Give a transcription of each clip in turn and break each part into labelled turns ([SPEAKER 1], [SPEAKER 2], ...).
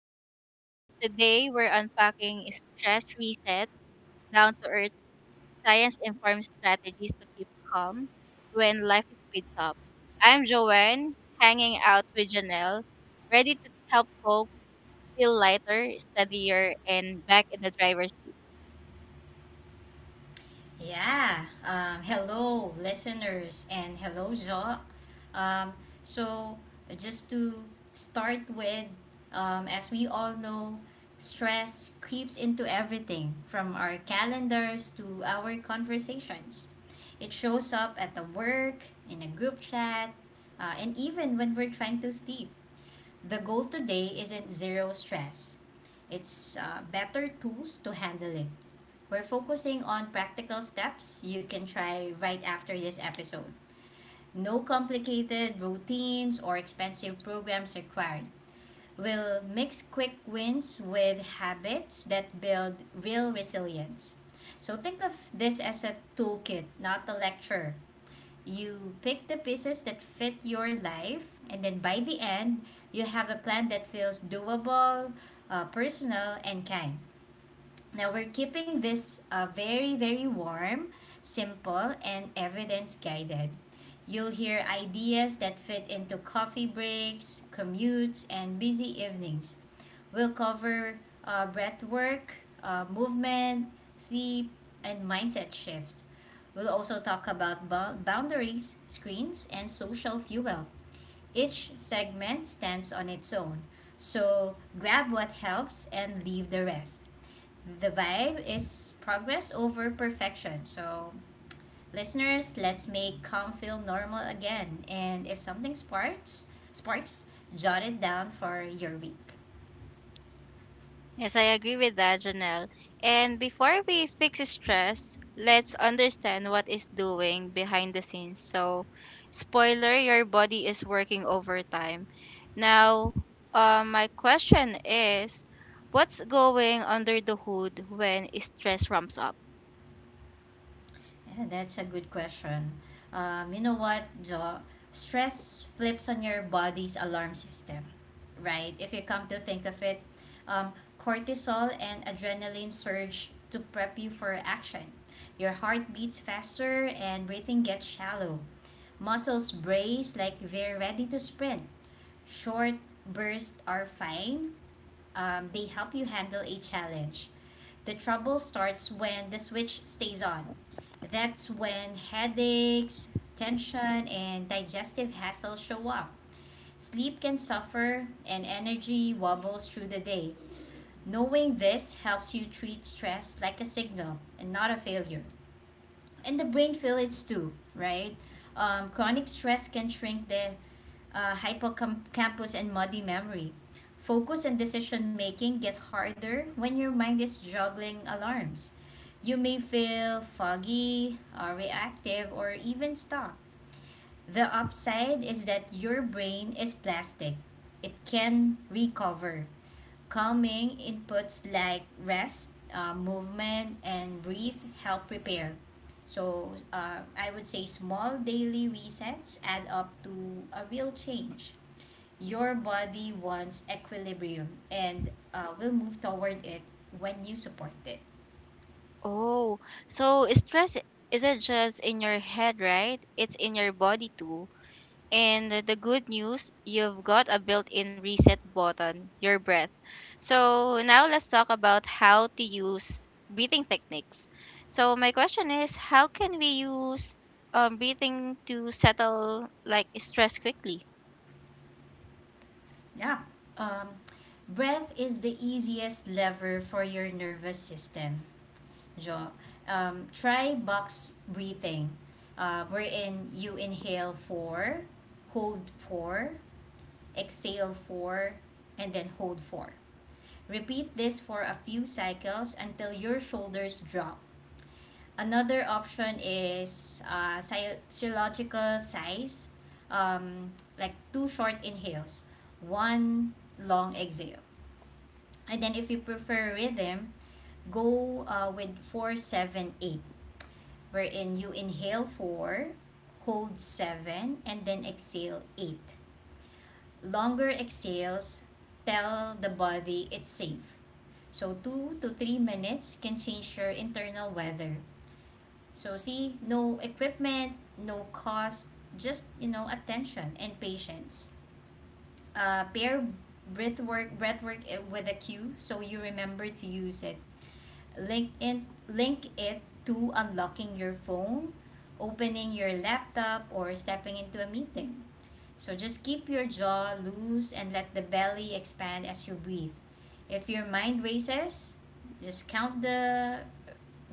[SPEAKER 1] listeners. Today, we're unpacking stress reset, down to earth, science informed strategies to keep calm when life speeds up. I'm Joanne, hanging out with Janelle, ready to help folks feel lighter, steadier, and back in the driver's seat.
[SPEAKER 2] Yeah. Hello, listeners, and hello, Jo. Um, so, just to start with, as we all know, stress creeps into everything from our calendars to our conversations. It shows up at the work, in a group chat, and even when we're trying to sleep. The goal today isn't zero stress, it's better tools to handle it. We're focusing on practical steps you can try right after this episode. No complicated routines or expensive programs required. We'll mix quick wins with habits that build real resilience. So think of this as a toolkit, not a lecture. You pick the pieces that fit your life, and then by the end, you have a plan that feels doable, personal, and kind. Now we're keeping this very, very warm, simple, and evidence guided. You'll hear ideas that fit into coffee breaks, commutes, and busy evenings. We'll cover breath work, movement, sleep, and mindset shift. We'll also talk about boundaries, screens, and social fuel. Each segment stands on its own. So grab what helps and leave the rest. The vibe is progress over perfection. So, listeners, let's make calm feel normal again. And if something sparks, jot it down for your week.
[SPEAKER 1] Yes, I agree with that, Janelle. And before we fix stress, let's understand what is doing behind the scenes. So, spoiler, your body is working overtime. Now, my question is, what's going under the hood when stress ramps up?
[SPEAKER 2] Yeah, that's a good question. You know what, Jo? Stress flips on your body's alarm system, right? If you come to think of it, um, cortisol and adrenaline surge to prep you for action. Your heart beats faster and breathing gets shallow. Muscles brace like they're ready to sprint. Short bursts are fine, they help you handle a challenge. The trouble starts when the switch stays on. That's when headaches, tension, and digestive hassle show up. Sleep can suffer and energy wobbles through the day. Knowing this helps you treat stress like a signal and not a failure, and the brain fillets too, right? Chronic stress can shrink the hippocampus and muddy memory. Focus and decision making get harder when your mind is juggling alarms. You may feel foggy, reactive, or even stuck. The upside is that your brain is plastic. It can recover. Calming inputs like rest, movement, and breathe help prepare. So I would say small daily resets add up to a real change. Your body wants equilibrium and will move toward it when you support it.
[SPEAKER 1] Oh, so stress isn't just in your head, right? It's in your body too. And the good news, you've got a built in reset button, your breath. So, now let's talk about how to use breathing techniques. So, my question is how can we use breathing to settle like stress quickly?
[SPEAKER 2] Yeah. Um, Breath is the easiest lever for your nervous system, Jo. Try box breathing, wherein you inhale 4, hold 4, exhale 4, and then hold 4. Repeat this for a few cycles until your shoulders drop. Another option is physiological size, um, like two short inhales, one long exhale. And then if you prefer rhythm, go with 4, 7, 8, wherein you inhale 4, hold 7, and then exhale 8. Longer exhales tell the body it's safe. So, 2 to 3 minutes can change your internal weather. So, see, no equipment, no cost, just you know, attention and patience. Pair breath work with a cue so you remember to use it. Link it to unlocking your phone, opening your laptop, or stepping into a meeting. So just keep your jaw loose and let the belly expand as you breathe. If your mind races, just count the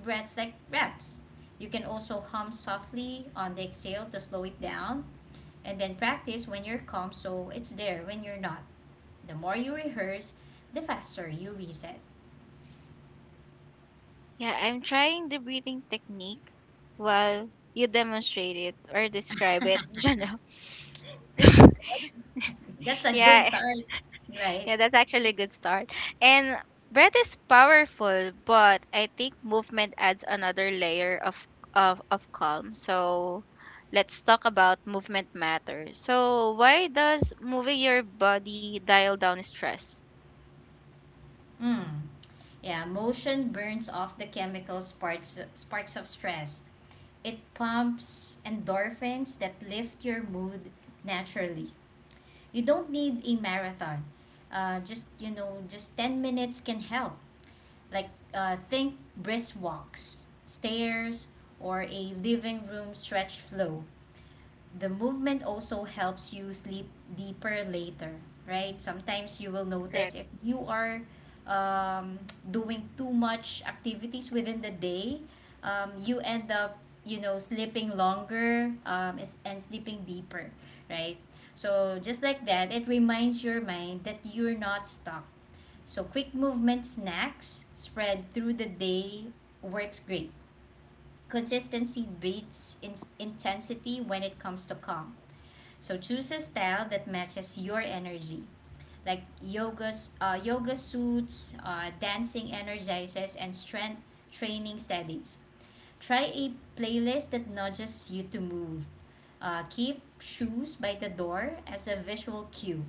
[SPEAKER 2] breaths like reps. You can also hum softly on the exhale to slow it down and then practice when you're calm so it's there when you're not. The more you rehearse, the faster you reset.
[SPEAKER 1] Yeah, I'm trying the breathing technique while you demonstrate it or describe it, Jana.
[SPEAKER 2] That's good. That's a good
[SPEAKER 1] Yeah,
[SPEAKER 2] start, right?
[SPEAKER 1] Yeah, that's actually a good start. And breath is powerful, but I think movement adds another layer of of calm. So let's talk about movement matter. So why does moving your body dial down stress?
[SPEAKER 2] Mm. Yeah, motion burns off the chemicals sparks of stress. It pumps endorphins that lift your mood naturally. You don't need a marathon. Just, you know, just 10 minutes can help. Like, think brisk walks, stairs, or a living room stretch flow. The movement also helps you sleep deeper later, right? Sometimes you will
[SPEAKER 1] Right.
[SPEAKER 2] notice if you are um, doing too much activities within the day, you end up, you know, sleeping longer, and sleeping deeper, right? So just like that, it reminds your mind that you're not stuck, so quick movement snacks spread through the day works great. Consistency beats intensity when it comes to calm. So choose a style that matches your energy, like yoga, yoga suits, dancing energizes, and strength training steadies. Try a playlist that nudges you to move. Keep shoes by the door as a visual cue.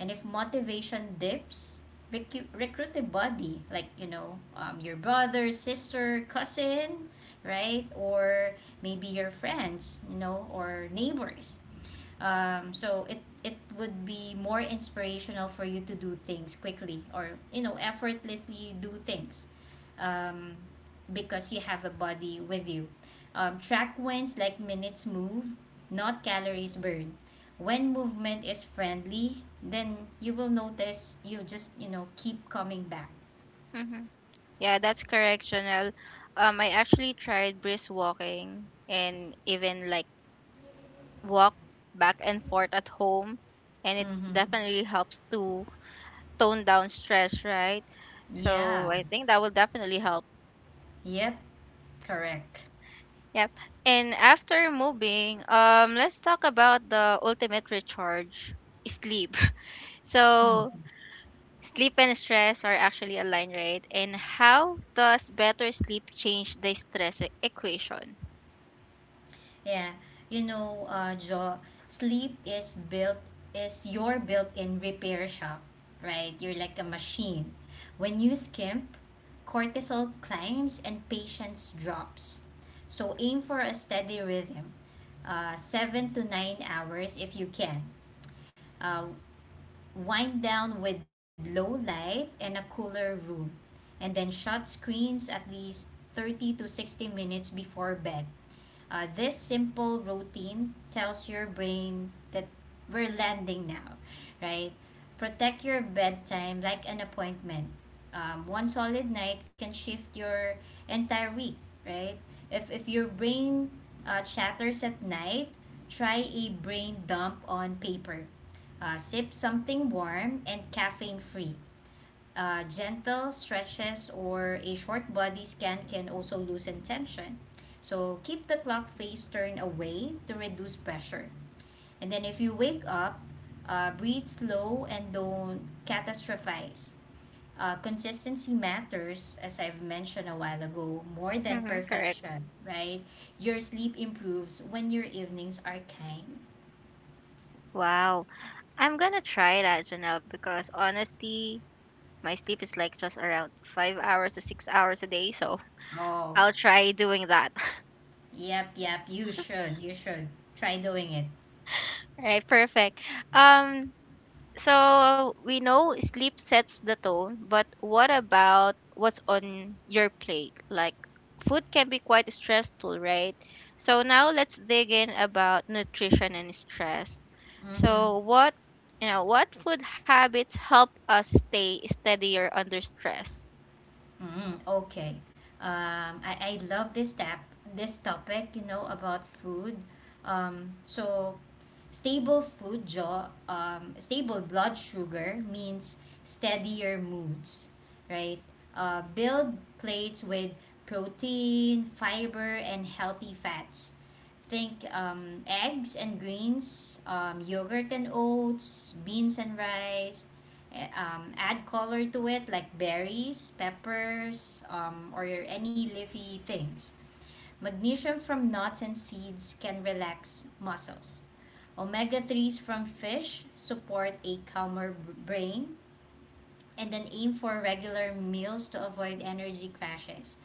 [SPEAKER 2] And if motivation dips, recruit a buddy, like you know, your brother, sister, cousin, right, or maybe your friends, you know, or neighbors. So it would be more inspirational for you to do things quickly, or you know, effortlessly do things, um because you have a body with you. Um, track wins like minutes move, not calories burned. When movement is friendly, then you will notice you just, you know, keep coming back.
[SPEAKER 1] Mm-hmm. Yeah, that's correct, Chanel. I actually tried brisk walking and even like walk back and forth at home, and it
[SPEAKER 2] Mm-hmm.
[SPEAKER 1] definitely helps to tone down stress, right?
[SPEAKER 2] Yeah.
[SPEAKER 1] So I think that will definitely help.
[SPEAKER 2] Yep. Correct.
[SPEAKER 1] Yep. And after moving, let's talk about the ultimate recharge, sleep.
[SPEAKER 2] Hmm.
[SPEAKER 1] So sleep and stress are actually aligned, right? And how does better sleep change the stress equation?
[SPEAKER 2] Yeah, you know, Joe, sleep is built is your built-in repair shop, right? You're like a machine. When you skimp, cortisol climbs and patience drops. So aim for a steady rhythm, 7 to 9 hours if you can. Uh, wind down with low light and a cooler room, and then shut screens at least 30 to 60 minutes before bed. This simple routine tells your brain that we're landing now, right? Protect your bedtime like an appointment. One solid night can shift your entire week, right? If your brain chatters at night, try a brain dump on paper. Sip something warm and caffeine free. Gentle stretches or a short body scan can also loosen tension. So keep the clock face turned away to reduce pressure. And then if you wake up, breathe slow and don't catastrophize. Consistency matters, as I've mentioned a while ago, more than
[SPEAKER 1] Mm-hmm, correct.
[SPEAKER 2] perfection, right? Your sleep improves when your evenings are kind.
[SPEAKER 1] Wow. I'm gonna try that, Janelle, because honestly, my sleep is like just around 5 hours to 6 hours a day. So
[SPEAKER 2] Oh,
[SPEAKER 1] I'll try doing that.
[SPEAKER 2] yep, yep, you should, you should. Try doing it.
[SPEAKER 1] Right, perfect. Um, so we know sleep sets the tone, but what about what's on your plate? Like food can be quite stressful, right? So now let's dig in about nutrition and stress.
[SPEAKER 2] Mm-hmm.
[SPEAKER 1] So what what food habits help us stay steadier under stress?
[SPEAKER 2] Mm, okay. Um, I love this tap this topic, you know, about food. So stable food jaw stable blood sugar means steadier moods, right? Build plates with protein, fiber, and healthy fats. Think eggs and greens, yogurt and oats, beans and rice, add color to it like berries, peppers, or any leafy things. Magnesium from nuts and seeds can relax muscles. Omega omega-3s from fish support a calmer brain. And then aim for regular meals to avoid energy crashes.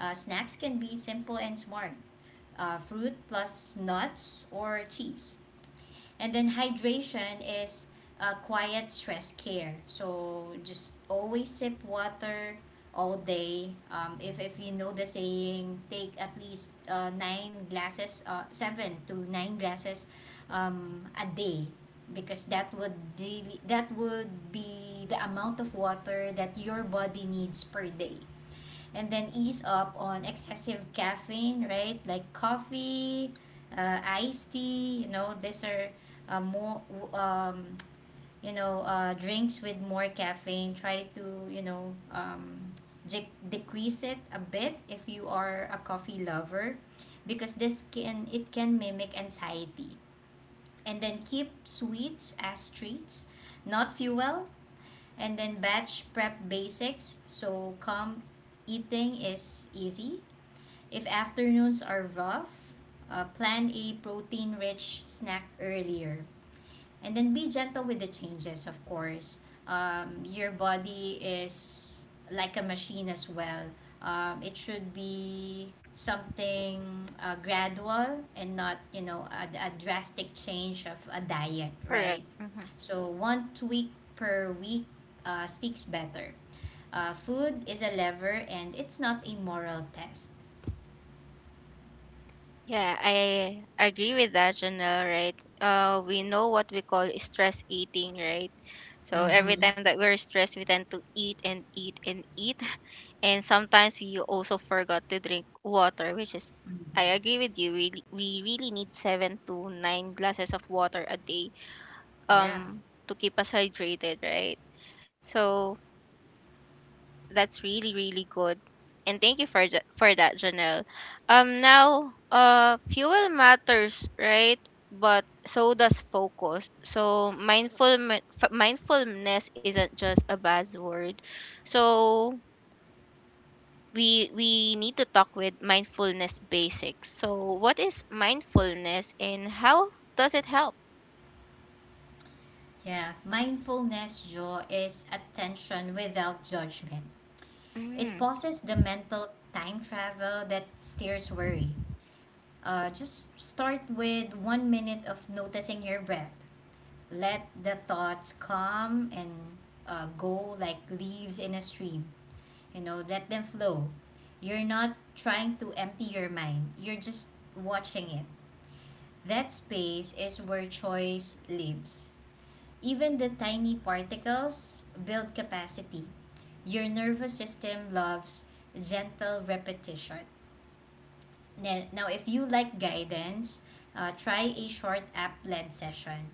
[SPEAKER 2] Snacks can be simple and smart, fruit plus nuts or cheese. And then hydration is quiet stress care. So just always sip water all day. If you know the saying, take at least 7 to 9 glasses a day, because that would really, that would be the amount of water that your body needs per day. And then ease up on excessive caffeine, right? Like coffee, iced tea. You know, these are more um, you know drinks with more caffeine. Try to, you know, decrease it a bit if you are a coffee lover, because this can it can mimic anxiety. And then keep sweets as treats, not fuel. And then batch prep basics. So calm eating is easy. If afternoons are rough, plan a protein rich snack earlier, and then be gentle with the changes. Of course, your body is like a machine as well. It should be something gradual and not, you know, a drastic change of a diet,
[SPEAKER 1] Correct.
[SPEAKER 2] right? So one tweak per week sticks better. Uh, food is a lever and it's not a moral test.
[SPEAKER 1] Yeah, I agree with that, Janelle, right? We know what we call stress eating, right? So every
[SPEAKER 2] Mm-hmm.
[SPEAKER 1] time that we're stressed, we tend to eat and eat and eat. And sometimes we also forgot to drink water, which is, I
[SPEAKER 2] Mm-hmm.
[SPEAKER 1] agree with you, really, we really need 7 to 9 glasses of water a day
[SPEAKER 2] Yeah.
[SPEAKER 1] to keep us hydrated, right? So that's really, really good. And thank you for for that, Janelle. Now, fuel matters, right? But so does focus. So mindful mindfulness isn't just a buzzword. So we need to talk with mindfulness basics. So what is mindfulness and how does it help?
[SPEAKER 2] Yeah, mindfulness, Jo, is attention without judgment. It
[SPEAKER 1] Mm.
[SPEAKER 2] pauses the mental time travel that steers worry. Just start with 1 minute of noticing your breath. Let the thoughts come and go like leaves in a stream. You know, let them flow. You're not trying to empty your mind, you're just watching it. That space is where choice lives. Even the tiny particles build capacity. Your nervous system loves gentle repetition. Now, if you like guidance, try a short app led session,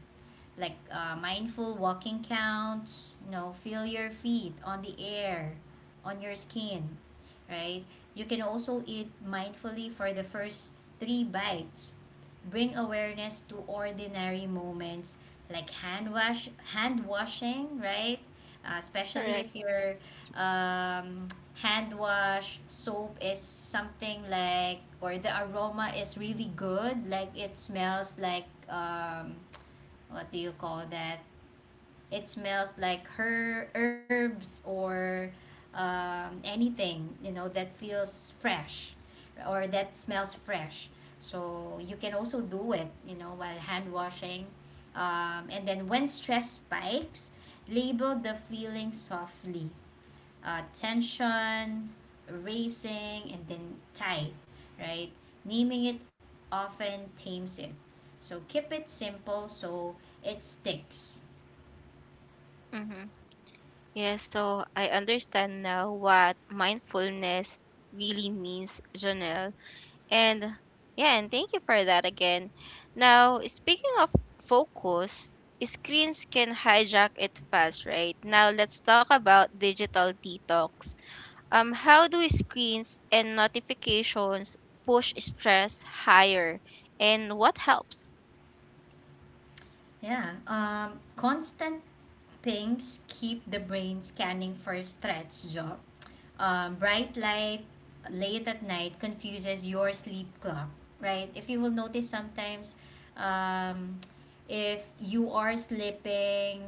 [SPEAKER 2] like mindful walking counts. You know, feel your feet on the air, on your skin, right? You can also eat mindfully for the first three bites. Bring awareness to ordinary moments like hand washing, right? Especially
[SPEAKER 1] Correct.
[SPEAKER 2] if your um, hand wash soap is something like, or the aroma is really good, like it smells like what do you call that? It smells like herbs or anything, you know, that feels fresh or that smells fresh. So you can also do it, you know, while hand washing. And then when stress spikes, label the feeling softly, tension, racing, and then tight, right? Naming it often tames it. So keep it simple so it sticks.
[SPEAKER 1] Mm-hmm. Yeah, so I understand now what mindfulness really means, Janelle. And yeah, and thank you for that again. Now, speaking of focus, screens can hijack it fast, right? Now, let's talk about digital detox. How do screens and notifications push stress higher, and what helps?
[SPEAKER 2] Yeah, Constant things keep the brain scanning for threats, job. Bright light late at night confuses your sleep clock, right? If you will notice sometimes, um, if you are sleeping,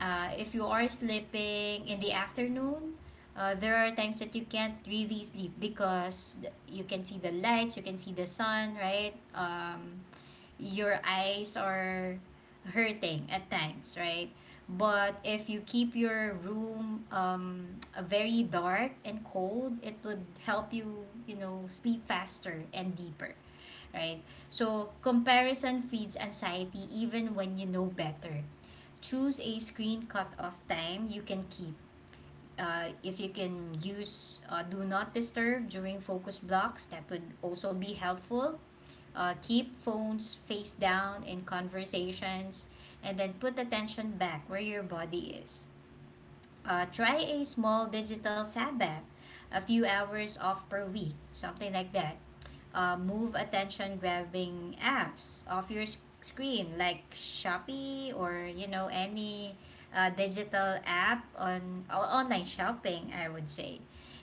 [SPEAKER 2] if you are sleeping in the afternoon, there are times that you can't really sleep because you can see the lights, you can see the sun, right? Your eyes are hurting at times, right? But if you keep your room very dark and cold, it would help you, you know, sleep faster and deeper, right? So, comparison feeds anxiety even when you know better. Choose a screen cutoff time you can keep. If you can use do not disturb during focus blocks, that would also be helpful. Keep phones face down in conversations, and then put attention back where your body is. Try a small digital Sabbath, a few hours off per week, something like that. Move attention grabbing apps off your screen, like Shopee, or you know any digital app on online shopping, I would say.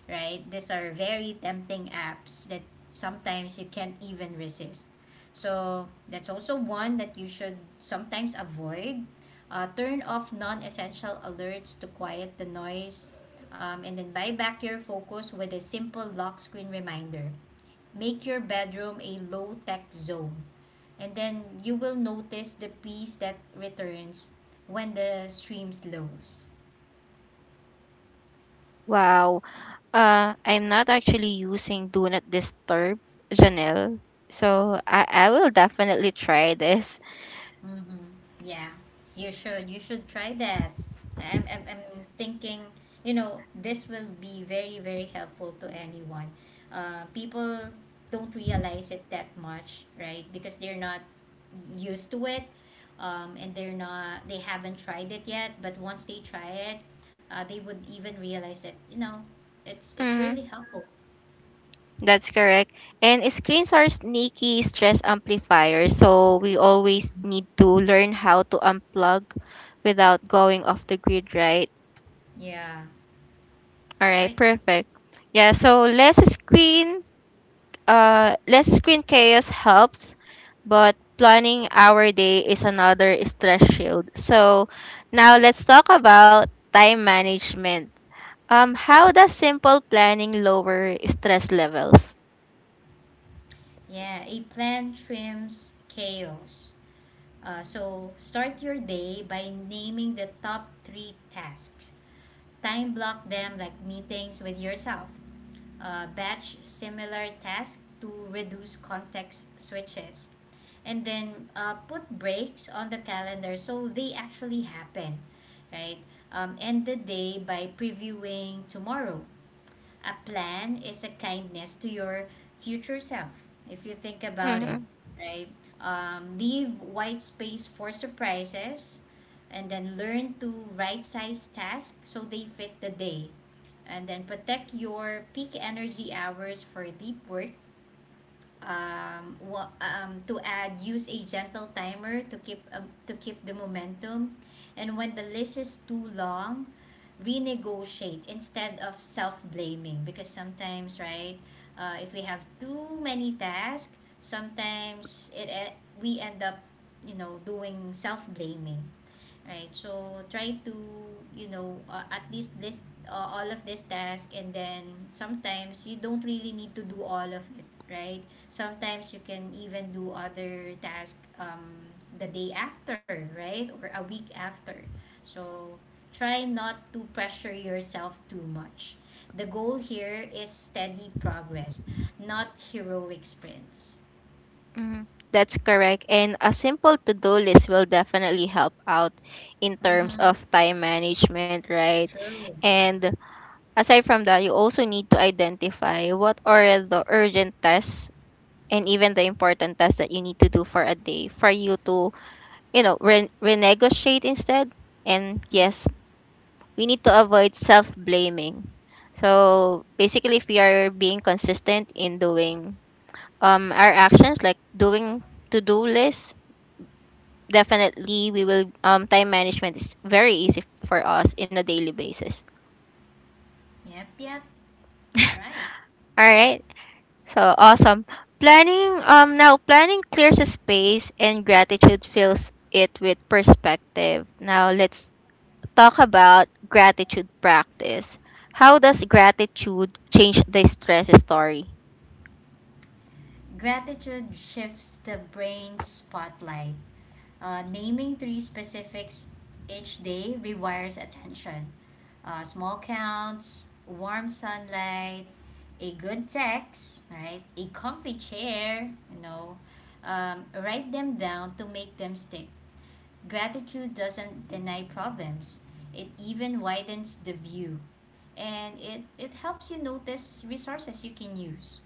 [SPEAKER 2] Right? These are very tempting apps that sometimes you can't even resist. So that's also one that you should sometimes avoid. Turn off non-essential alerts to quiet the noise, and then buy back your focus with a simple lock screen reminder. Make your bedroom a low-tech zone, and then you will notice the peace that returns when the stream slows.
[SPEAKER 1] Wow. I'm not actually using Do Not Disturb, Janelle. So I will definitely try this.
[SPEAKER 2] Mm-hmm. Yeah, you should. You should try that. I'm thinking, you know, this will be very, very helpful to anyone. People don't realize it that much, right? Because they're not used to it, and they're not, they haven't tried it yet. But once they try it, they would even realize that, you know, it's really helpful.
[SPEAKER 1] That's correct. And screens are sneaky stress amplifiers, so we always need to learn how to unplug without going off the grid, right?
[SPEAKER 2] Yeah,
[SPEAKER 1] All
[SPEAKER 2] that's
[SPEAKER 1] right,
[SPEAKER 2] right.
[SPEAKER 1] perfect. Yeah, so less screen less screen chaos helps, but planning our day is another stress shield. So now let's talk about time management. Um, how does simple planning lower stress levels?
[SPEAKER 2] Yeah, a plant trims chaos. So start your day by naming the top three tasks. Time block them like meetings with yourself. Batch similar tasks to reduce context switches. And then put breaks on the calendar so they actually happen, right? End the day by previewing tomorrow. A plan is a kindness to your future self, if you think about it, right? Leave white space for surprises, and then learn to right size tasks so they fit the day, and then protect your peak energy hours for deep work. To add, use a gentle timer to keep the momentum. And when the list is too long, renegotiate instead of self-blaming, because sometimes, right, if we have too many tasks, sometimes we end up, you know, doing self-blaming, right? So try to, you know, at least list, all of this task, and then sometimes you don't really need to do all of it, right? Sometimes you can even do other task, the day after, right, or a week after. So try not to pressure yourself too much. The goal here is steady progress, not heroic sprints.
[SPEAKER 1] Mm, that's correct. And a simple to do list will definitely help out in terms
[SPEAKER 2] Mm-hmm.
[SPEAKER 1] of time management, right?
[SPEAKER 2] True.
[SPEAKER 1] And aside from that, you also need to identify what are the urgent tasks and even the important tasks that you need to do for a day for you to, you know, renegotiate instead. And
[SPEAKER 2] Mm.
[SPEAKER 1] yes, we need to avoid self blaming. So basically, if we are being consistent in doing our actions, like doing to do lists, definitely we will, um, time management is very easy for us in a daily basis.
[SPEAKER 2] Yep, yep, that's right.
[SPEAKER 1] All right, so awesome. Planning, now planning clears a space and gratitude fills it with perspective. Now let's talk about gratitude practice. How does gratitude change the stress story?
[SPEAKER 2] Gratitude shifts the brain's spotlight. Naming three specifics each day rewires attention. Small counts, warm sunlight, a good text, right? A comfy chair, you know. Write them down to make them stick. Gratitude doesn't deny problems, it even widens the view. And it helps you notice resources you can use.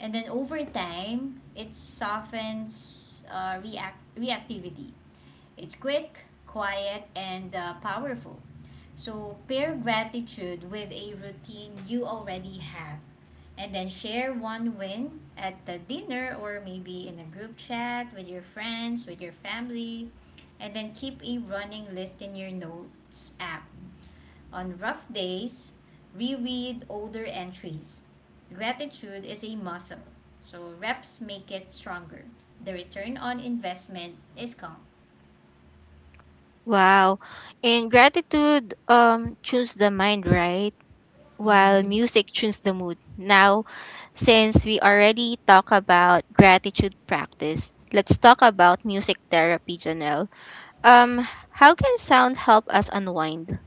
[SPEAKER 2] And then over time, it softens reactivity. It's quick, quiet, and powerful. So pair gratitude with a routine you already have. And then share one win at the dinner, or maybe in a group chat with your friends, with your family. And then keep a running list in your notes app. On rough days, reread older entries. Gratitude is a muscle, so reps make it stronger. The return on investment is calm.
[SPEAKER 1] Wow. In gratitude, choose the mind, right, while
[SPEAKER 2] Mm-hmm.
[SPEAKER 1] music tunes the mood. Now, since we already talk about gratitude practice, let's talk about music therapy, Janelle. How can sound help us unwind?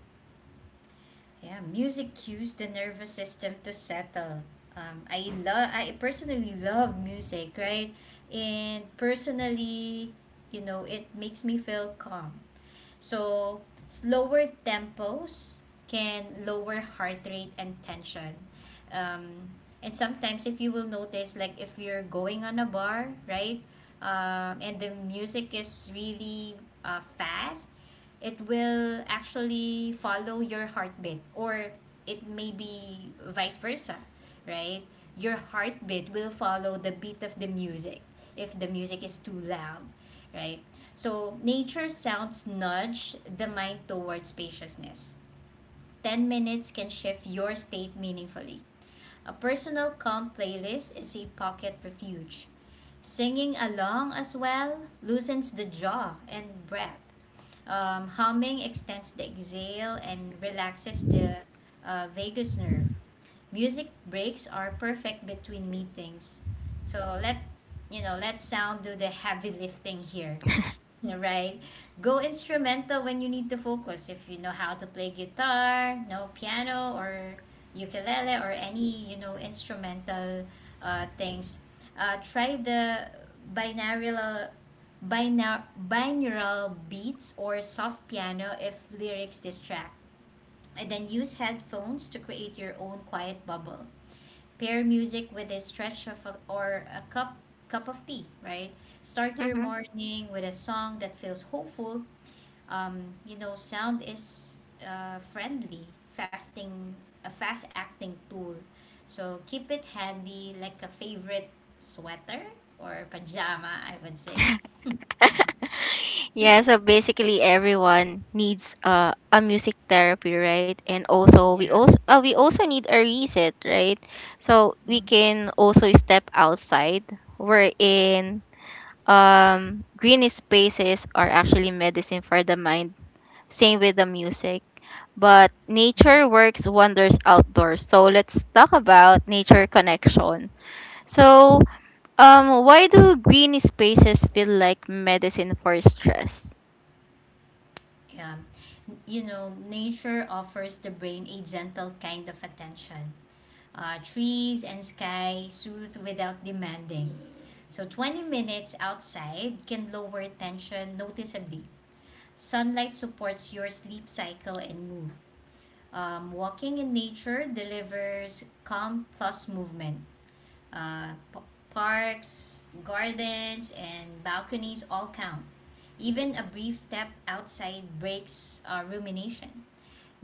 [SPEAKER 2] Yeah, music cues the nervous system to settle. I personally love music, right? And personally, you know, it makes me feel calm. So, slower tempos can lower heart rate and tension. Um, and sometimes, if you will notice, like if you're going on a bar, right, and the music is really fast, it will actually follow your heartbeat, or it may be vice versa, right? Your heartbeat will follow the beat of the music if the music is too loud, right? So, nature sounds nudge the mind towards spaciousness. 10 minutes can shift your state meaningfully. A personal calm playlist is a pocket refuge. Singing along as well loosens the jaw and breath. Humming extends the exhale and relaxes the vagus nerve. Music breaks are perfect between meetings. So, let you know, let sound do the heavy lifting here, right? Go instrumental when you need to focus. If you know how to play guitar, no piano or ukulele, or any, you know, instrumental things, try the binaural binar- binaural beats or soft piano if lyrics distract, and then use headphones to create your own quiet bubble. Pair music with a stretch of a, or a cup of tea, right? Start your
[SPEAKER 1] Hmm.
[SPEAKER 2] morning with a song that feels hopeful. You know, sound is friendly, fasting a fast acting tool. So keep it handy like a favorite sweater or pajama, I would say.
[SPEAKER 1] Yeah, so basically everyone needs a music therapy, right? And also
[SPEAKER 2] Yeah.
[SPEAKER 1] we also we also need a reset, right? So
[SPEAKER 2] Hmm.
[SPEAKER 1] we can also step outside. We're in, green spaces are actually medicine for the mind. Same with the music. But nature works wonders outdoors. So let's talk about nature connection. So, why do green spaces feel like medicine for stress?
[SPEAKER 2] Yeah. You know, nature offers the brain a gentle kind of attention. Trees and sky soothe without demanding. So 20 minutes outside can lower tension noticeably. Sunlight supports your sleep cycle and mood. Walking in nature delivers calm plus movement. Uh, p- Parks, gardens, and balconies all count. Even a brief step outside breaks rumination.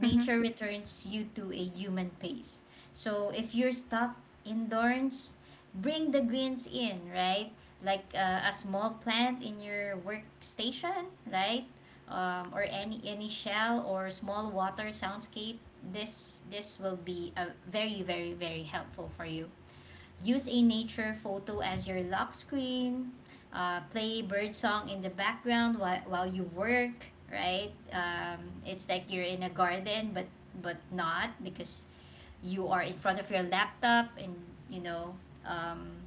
[SPEAKER 1] Hmm.
[SPEAKER 2] returns you to a human pace. So if you're stuck indoors, bring the greens in, right? Like a small plant in your workstation, right? Or any shell or small water soundscape. This will be a very very very helpful for you. Use a nature photo as your lock screen. Play bird song in the background while you work, right? It's like you're in a garden, but not, because you are in front of your laptop and, you know, um,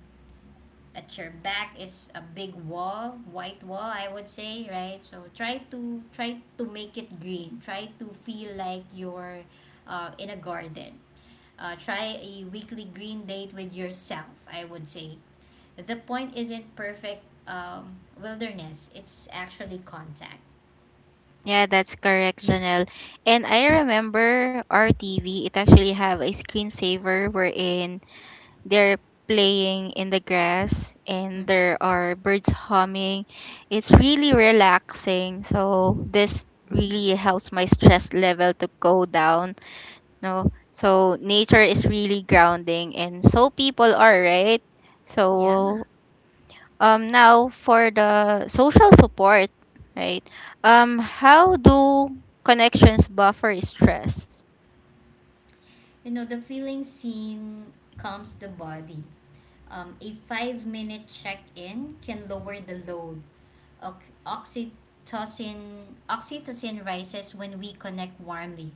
[SPEAKER 2] at your back is a big wall, white wall, I would say, right? So try to make it green. Try to feel like you're in a garden. Try a weekly green date with yourself, I would say. The point isn't perfect wilderness. It's actually contact.
[SPEAKER 1] Yeah, that's correct, Janelle. And I remember our TV. It actually have a screensaver wherein they're playing in the grass and
[SPEAKER 2] Mm.
[SPEAKER 1] there are birds humming. It's really relaxing. So this
[SPEAKER 2] Mhm.
[SPEAKER 1] really helps my stress level to go down. No. So nature is really grounding and so people are, right?
[SPEAKER 2] Yeah.
[SPEAKER 1] So, um, now for the social support, right? Um, how do connections buffer stress?
[SPEAKER 2] You know, the feeling scene calms the body. A 5 minute check in can lower the load. Oc- Oxytocin, oxytocin rises when we connect warmly.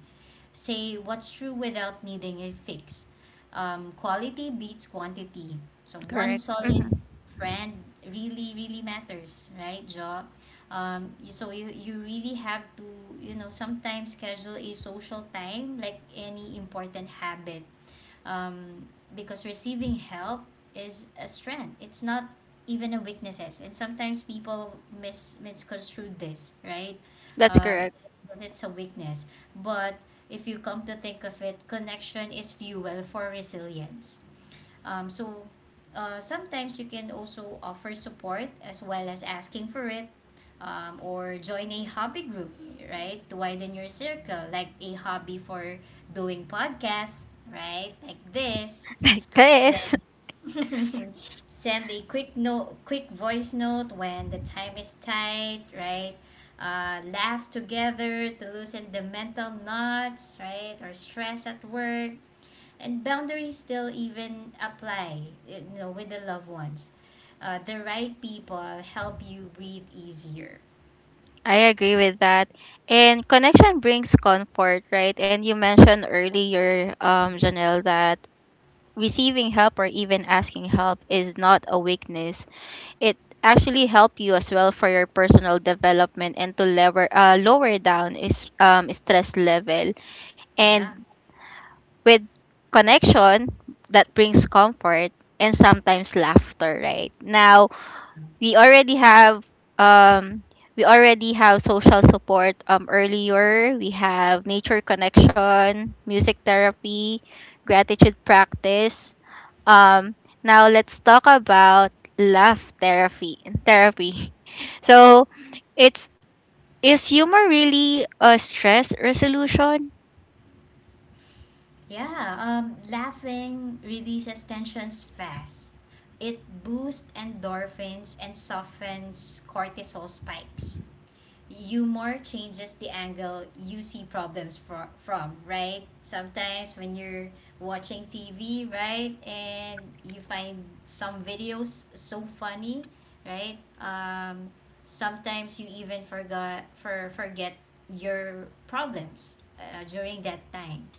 [SPEAKER 2] Say what's true without needing a fix. Quality beats quantity. So one
[SPEAKER 1] Correct.
[SPEAKER 2] solid
[SPEAKER 1] Hmm.
[SPEAKER 2] friend really, really matters, right, Jo? So you really have to, you know, sometimes schedule a social time like any important habit, um, because receiving help is a strength. It's not even a weaknesses. And sometimes people misconstrue this, right?
[SPEAKER 1] That's
[SPEAKER 2] um,
[SPEAKER 1] correct.
[SPEAKER 2] it's a weakness. But if you come to think of it, connection is fuel for resilience. Um, so Sometimes you can also offer support as well as asking for it, or join a hobby group, right? To widen your circle, like a hobby for doing podcasts, right? Like this.
[SPEAKER 1] Like this.
[SPEAKER 2] Then send a quick note, quick voice note when the time is tight, right? Laugh together to loosen the mental knots, right? Or stress at work. And boundaries still even apply, you know, with the loved ones. The right people help you breathe easier.
[SPEAKER 1] I agree with that. And connection brings comfort, right? And you mentioned earlier, Janelle, that receiving help or even asking help is not a weakness. It actually help you as well for your personal development and to lever, lower down is, stress level. And
[SPEAKER 2] Yeah.
[SPEAKER 1] with connection, that brings comfort and sometimes laughter, right? Now, we already have um social support. Earlier we have nature connection, music therapy, gratitude practice. um now let's talk about laugh therapy therapy. So it's is humor really a stress resolution?
[SPEAKER 2] Yeah. Laughing releases tensions fast. It boosts endorphins and softens cortisol spikes. Humor changes the angle you see problems from, right? Sometimes when you're watching TV, right, and you find some videos so funny, right? Sometimes you even forgot for forget your problems during that time.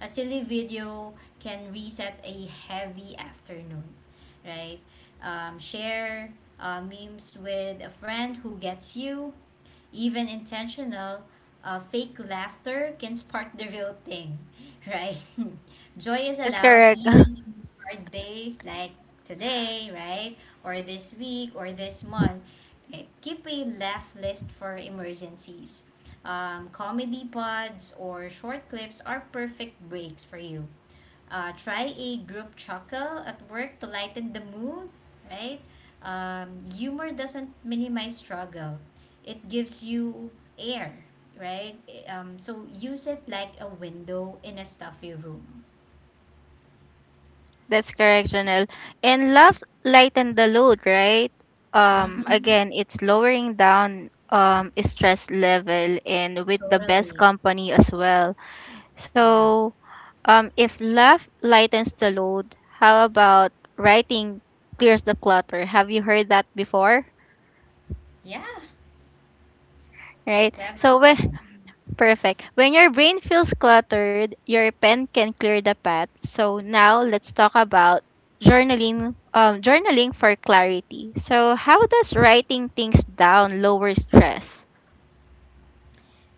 [SPEAKER 2] A silly video can reset a heavy afternoon, right? Share memes with a friend who gets you. Even intentional, fake laughter can spark the real thing, right? Joy is
[SPEAKER 1] That's
[SPEAKER 2] allowed
[SPEAKER 1] correct.
[SPEAKER 2] even in hard days like today, right? Or this week or this month. Right? Keep a laugh list for emergencies. Comedy pods or short clips are perfect breaks for you. Try a group chuckle at work to lighten the mood, right? Humor doesn't minimize struggle, it gives you air, right? So use it like a window in a stuffy room.
[SPEAKER 1] That's correct, Janelle. And loves lighten the load, right?
[SPEAKER 2] Mm-hmm.
[SPEAKER 1] Again, it's lowering down, um, stress level and with the best
[SPEAKER 2] Totally.
[SPEAKER 1] company as well.
[SPEAKER 2] Yeah.
[SPEAKER 1] So, if love lightens the load, how about writing clears the clutter? Have you heard that before?
[SPEAKER 2] Yeah.
[SPEAKER 1] Right. So
[SPEAKER 2] Several
[SPEAKER 1] when,
[SPEAKER 2] times.
[SPEAKER 1] perfect. When your brain feels cluttered, your pen can clear the path. So now let's talk about journaling, journaling for clarity. So how does writing things down lower stress?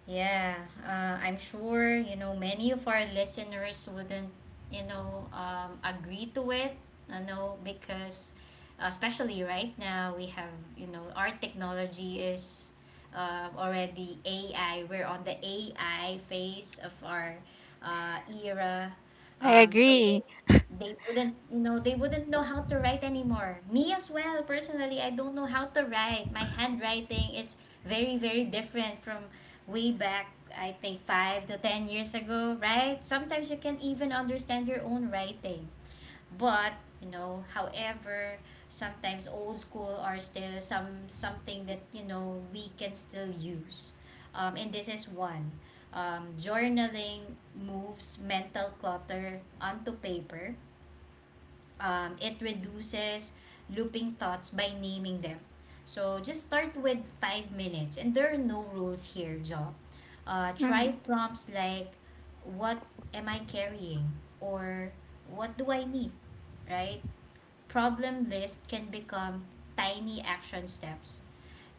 [SPEAKER 2] Yeah, I'm sure you know many of our listeners wouldn't, you know, agree to it. I know because, especially right now, we have, you know, our technology is already AI. We're on the AI phase of our era.
[SPEAKER 1] I
[SPEAKER 2] So
[SPEAKER 1] agree.
[SPEAKER 2] they wouldn't they wouldn't know how to write anymore. Me as well, personally, I don't know how to write. My handwriting is very different from way back, I think 5 to 10 years ago, right? Sometimes you can't even understand your own writing. But you know, however, sometimes old school are still something that you know we can still use. And this is one. Journaling moves mental clutter onto paper. It reduces looping thoughts by naming them. So just start with 5 minutes, and there are no rules here, Jo. Try
[SPEAKER 1] Mhm.
[SPEAKER 2] prompts like, "What am I carrying?" or "What do I need?" Right? Problem list can become tiny action steps.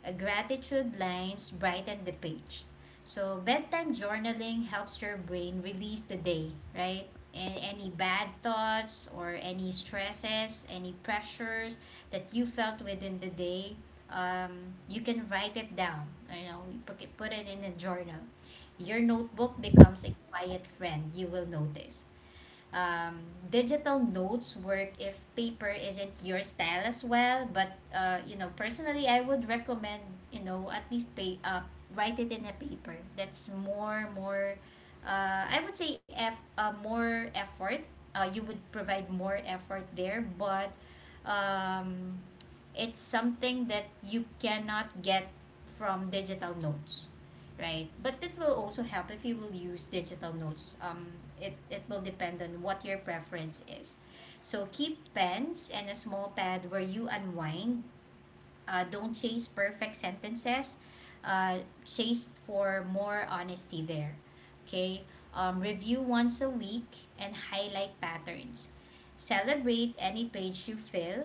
[SPEAKER 2] A gratitude lines brighten the page. So, bedtime journaling helps your brain release the day, right? And any bad thoughts or any stresses, any pressures that you felt within the day, you can write it down. You know, put it in a journal. Your notebook becomes a quiet friend, you will notice. um, Digital notes work if paper isn't your style as well, but you know, personally I would recommend, you know, at least pay write it in a paper. That's more. I would say f more effort. You would provide more effort there. But um, it's something that you cannot get from digital notes, right? But it will also help if you will use digital notes. It will depend on what your preference is. So keep pens and a small pad where you unwind. Don't chase perfect sentences. uh, Chase for more honesty there. Okay. Review once a week and highlight patterns, celebrate any page you fill.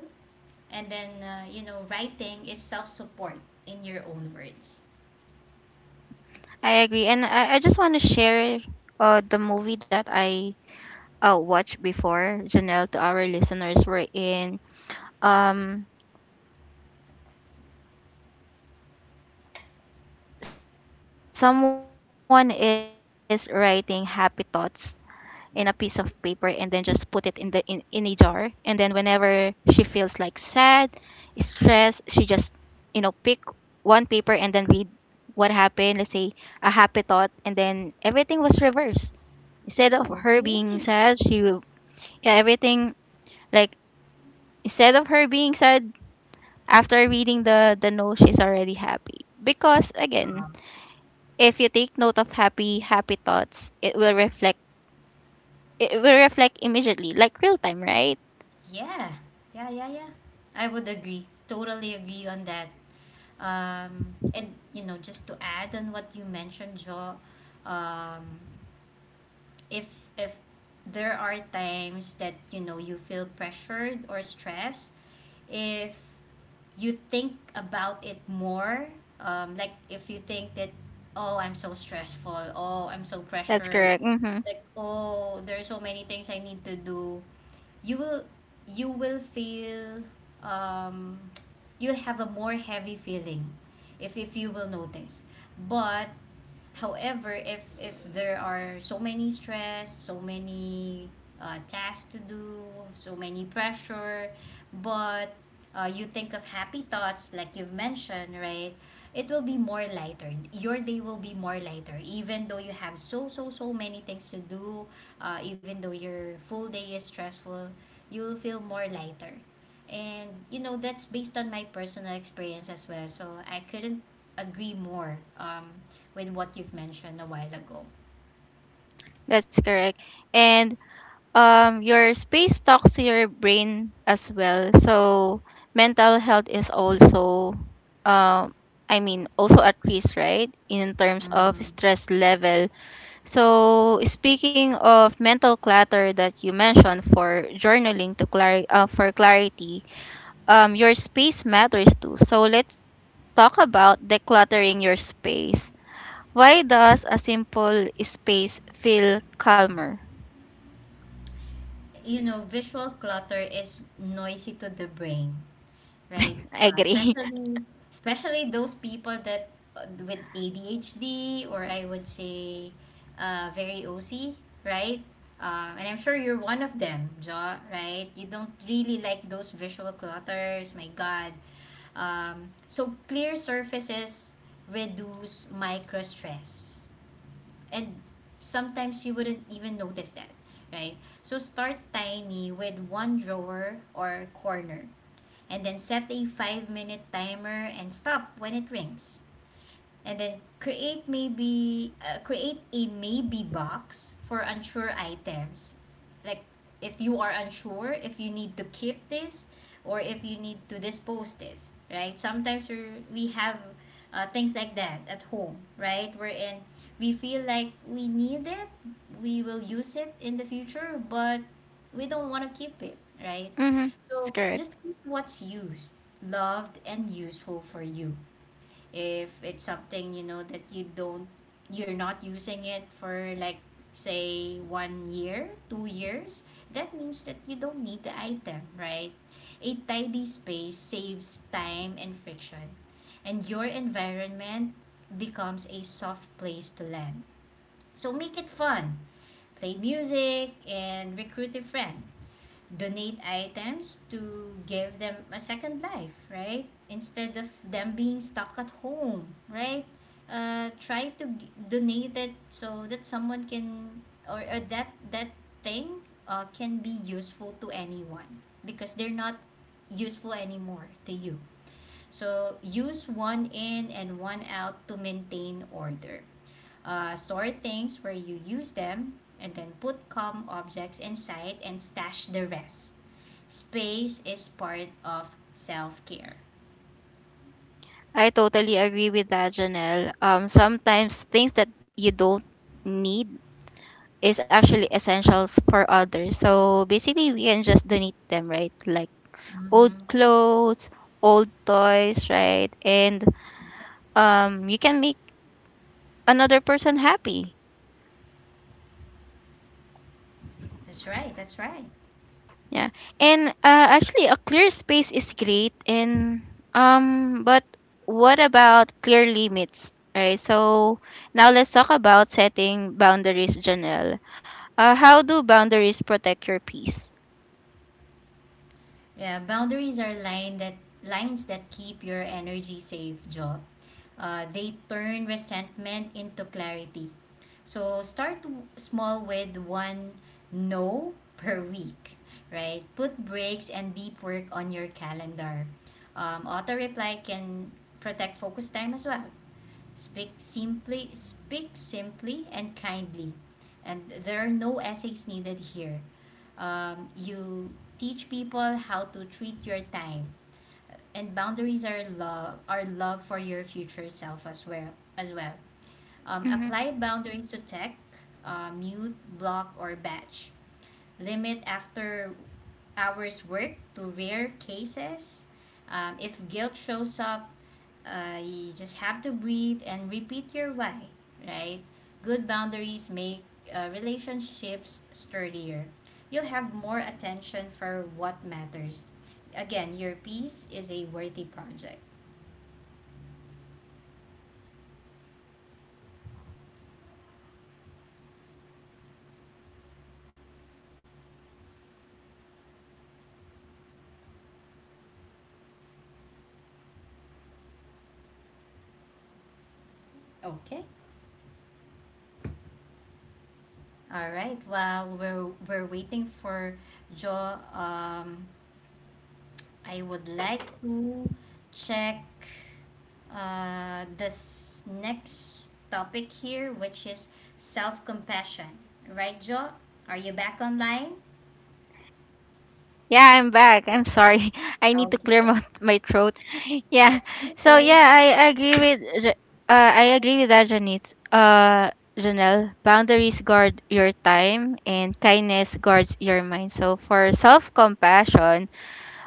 [SPEAKER 2] And then you know, writing is self-support, in your own words.
[SPEAKER 1] Mm, I agree. And I just want to share the movie that I watched before, Janelle. To our listeners, we're in, um, someone is writing happy thoughts in a piece of paper and then just put it in the, in a jar. And then whenever she feels like sad, stressed, she just, you know, pick one paper and then read what happened. Let's say a happy thought, and then everything was reversed. Instead of her
[SPEAKER 2] Oh,
[SPEAKER 1] being sad,
[SPEAKER 2] really?
[SPEAKER 1] she will, yeah, everything, like, instead of her being sad, after reading the note, she's already happy. Because again,
[SPEAKER 2] Um,
[SPEAKER 1] if you take note of happy thoughts, it will reflect, it will reflect immediately, like real time, right?
[SPEAKER 2] Yeah, yeah, yeah, yeah I would agree. Totally agree on that. And you know, just to add on what you mentioned, Joe, um, if there are times that you know you feel pressured or stressed, if you think about it more, like if you think that, oh, I'm so stressful, oh, I'm so
[SPEAKER 1] That's
[SPEAKER 2] pressured,
[SPEAKER 1] correct. Mm-hmm.
[SPEAKER 2] like oh, there are so many things I need to do, you will you will feel um you'll have a more heavy feeling if you will notice. But however, if there are so many stress, so many tasks to do, so many pressure, but you think of happy thoughts like you've mentioned, right? It will be more lighter. Your day will be more lighter, even though you have so many things to do. Even though your full day is stressful, you will feel more lighter, and you know, that's based on my personal experience as well. So I couldn't agree more. With what you've mentioned a while ago.
[SPEAKER 1] That's correct. And, your space talks to your brain as well. So mental health is also, um, I mean, also at risk, right? In terms of
[SPEAKER 2] Mhm.
[SPEAKER 1] stress level. So speaking of mental clutter that you mentioned for journaling to for clarity, your space matters too. So let's talk about decluttering your space. Why does a simple space feel calmer?
[SPEAKER 2] You know, visual clutter is noisy to the brain, right?
[SPEAKER 1] I
[SPEAKER 2] Uh,
[SPEAKER 1] agree.
[SPEAKER 2] especially especially those people that with ADHD, or I would say very OC, right? And I'm sure you're one of them, Ja, right? You don't really like those visual clutters, my God. So clear surfaces reduce micro stress, and sometimes you wouldn't even notice that, right? So start tiny with one drawer or corner, and then set a 5-minute timer and stop when it rings. And then create a maybe box for unsure items, like if you are unsure if you need to keep this or if you need to dispose this, right? Sometimes we have things like that at home, right, wherein we feel like we need it, we will use it in the future, but we don't want to keep it, right?
[SPEAKER 1] Mm-hmm. It's
[SPEAKER 2] So
[SPEAKER 1] correct.
[SPEAKER 2] just keep what's used, loved and useful for you. If it's something you know that you're not using it for, like say 1 year, 2 years, that means that you don't need the item, right? A tidy space saves time and friction, and your environment becomes a soft place to land. So make it fun, play music and recruit a friend. Donate items to give them a second life, right? Instead of them being stuck at home, right? Try to donate it so that someone can, or that thing can be useful to anyone, because they're not useful anymore to you. So use one in and one out to maintain order. Store things where you use them, and then put calm objects inside and stash the rest. Space is part of self care.
[SPEAKER 1] I totally agree with that, Janelle. Sometimes things that you don't need is actually essentials for others. So basically, we can just donate them, right? Like old
[SPEAKER 2] Mm-hmm.
[SPEAKER 1] clothes, old toys, right? And,
[SPEAKER 2] Yeah.
[SPEAKER 1] you can make another person happy.
[SPEAKER 2] That's right. That's right.
[SPEAKER 1] Yeah. And, actually, a clear space is great. And, but what about clear limits? Right. So now let's talk about setting boundaries, Janelle. How do boundaries protect your peace?
[SPEAKER 2] Yeah, boundaries are line that lines that keep your energy safe, Jo. They turn resentment into clarity. So small with one no per week, right? Put breaks and deep work on your calendar. Auto reply can protect focus time as well. Speak simply and kindly. And there are no essays needed here. You teach people how to treat your time, and boundaries are love for your future self as well. As well, apply
[SPEAKER 1] Hmm.
[SPEAKER 2] boundaries to tech, mute, block, or batch, limit after hours work to rare cases. If guilt shows up, you just have to breathe and repeat your why, right? Good boundaries make relationships sturdier. You'll have more attention for what matters. Again, your piece is a worthy project. Okay? All right. While we're waiting for Joe, I would like to check this next topic here, which is self compassion. Right, Jo? Are you back online?
[SPEAKER 1] Yeah, I'm back. I'm sorry. I need to clear
[SPEAKER 2] Okay,
[SPEAKER 1] my, my throat. Yeah.
[SPEAKER 2] that's
[SPEAKER 1] So
[SPEAKER 2] okay.
[SPEAKER 1] yeah, I agree with Ja- I agree with that Janit. Uh, Janelle, boundaries guard your time and kindness guards your mind. So for self-compassion,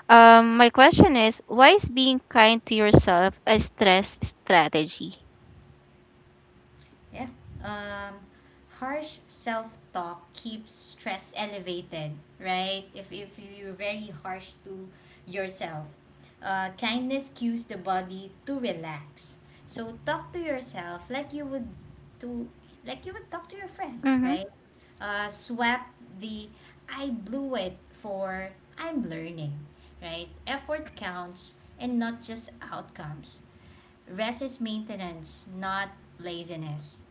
[SPEAKER 1] um, my question is why is being kind to yourself a stress strategy?
[SPEAKER 2] Yeah. Um, harsh self talk keeps stress elevated, right? If you're very harsh to yourself, kindness cues the body to relax. So talk to yourself like you would to, like you would talk to your friend,
[SPEAKER 1] Mhm.
[SPEAKER 2] right? Swap the I blew it for I'm learning, right? Effort counts and not just outcomes. Rest is maintenance, not laziness.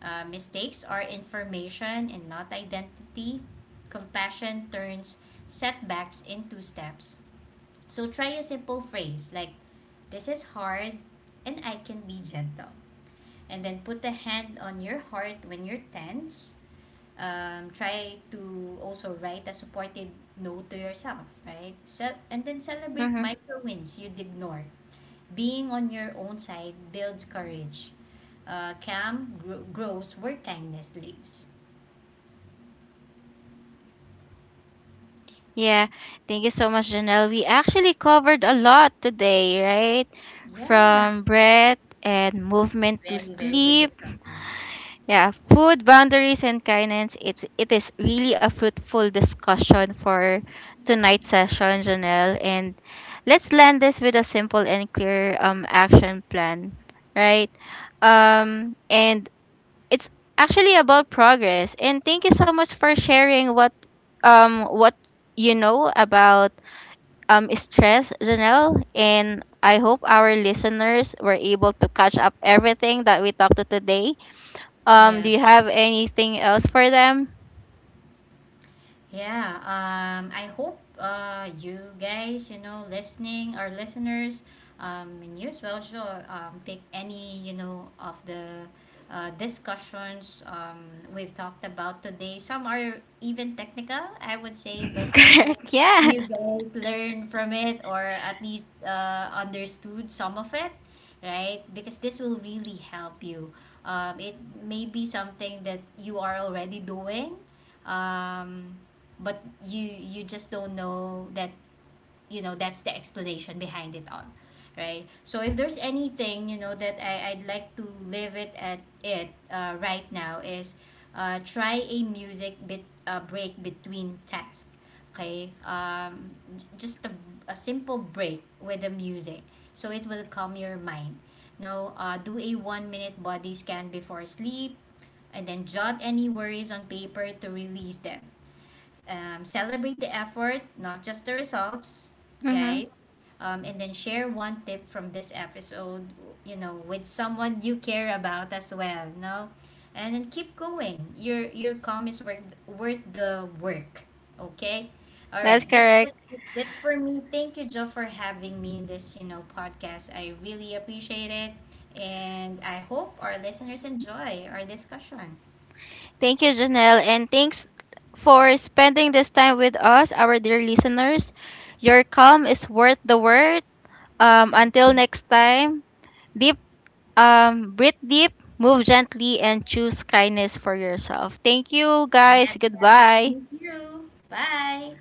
[SPEAKER 2] Mistakes are information and not identity. Compassion turns setbacks into steps. So try a simple phrase like, this is hard and I can be gentle. And then put a hand on your heart when you're tense. Try to also write a supportive note to yourself, right? So, and then celebrate
[SPEAKER 1] Mhm.
[SPEAKER 2] micro wins you'd ignore. Being on your own side builds courage. Uh, grows where kindness lives.
[SPEAKER 1] Yeah. Thank you so much, Janelle. We actually covered a lot today, right?
[SPEAKER 2] Yeah,
[SPEAKER 1] From breath and movement to
[SPEAKER 2] very, very good
[SPEAKER 1] sleep.
[SPEAKER 2] discussion.
[SPEAKER 1] Yeah, food, boundaries, and kindness. It is really a fruitful discussion for tonight's session, Janelle. And let's land this with a simple and clear, um, action plan, right? And it's actually about progress. And thank you so much for sharing what, what you know about, um, stress, Janelle. And I hope our listeners were able to catch up everything that we talked to today. Um,
[SPEAKER 2] Yeah,
[SPEAKER 1] do you have anything else for them?
[SPEAKER 2] Yeah, I hope you guys, you know, listening, our listeners, and you as well, sure, pick any, you know, of the discussions we've talked about today. Some are even technical, I would say, but I hope
[SPEAKER 1] Correct. Yeah.
[SPEAKER 2] you guys learn from it, or at least understood some of it, right? Because this will really help you. It may be something that you are already doing. Um, but you just don't know that, you know, that's the explanation behind it all, right? So if there's anything, you know, that I'd like to leave it at it right now, is try a music bit break between tasks. Okay. J- just a, a simple break with the music, so it will calm your mind. No Do a 1 minute body scan before sleep, and then jot any worries on paper to release them. Celebrate the effort, not just the results,
[SPEAKER 1] Mm-hmm.
[SPEAKER 2] guys. And then share one tip from this episode, you know, with someone you care about as well. No, and then keep going. Your calm is worth the work. Okay. All right,
[SPEAKER 1] That's correct.
[SPEAKER 2] that's it for me. Thank you, Joe, for having me in this, you know, podcast. I really appreciate it. And I hope our listeners enjoy our discussion.
[SPEAKER 1] Thank you, Janelle. And thanks for spending this time with us, our dear listeners. Your calm is worth the word.
[SPEAKER 2] Mm.
[SPEAKER 1] Until next time, deep, breathe deep, move gently, and choose kindness for yourself. Thank you,
[SPEAKER 2] Yep,
[SPEAKER 1] guys.
[SPEAKER 2] yep.
[SPEAKER 1] Goodbye.
[SPEAKER 2] Thank you. Bye.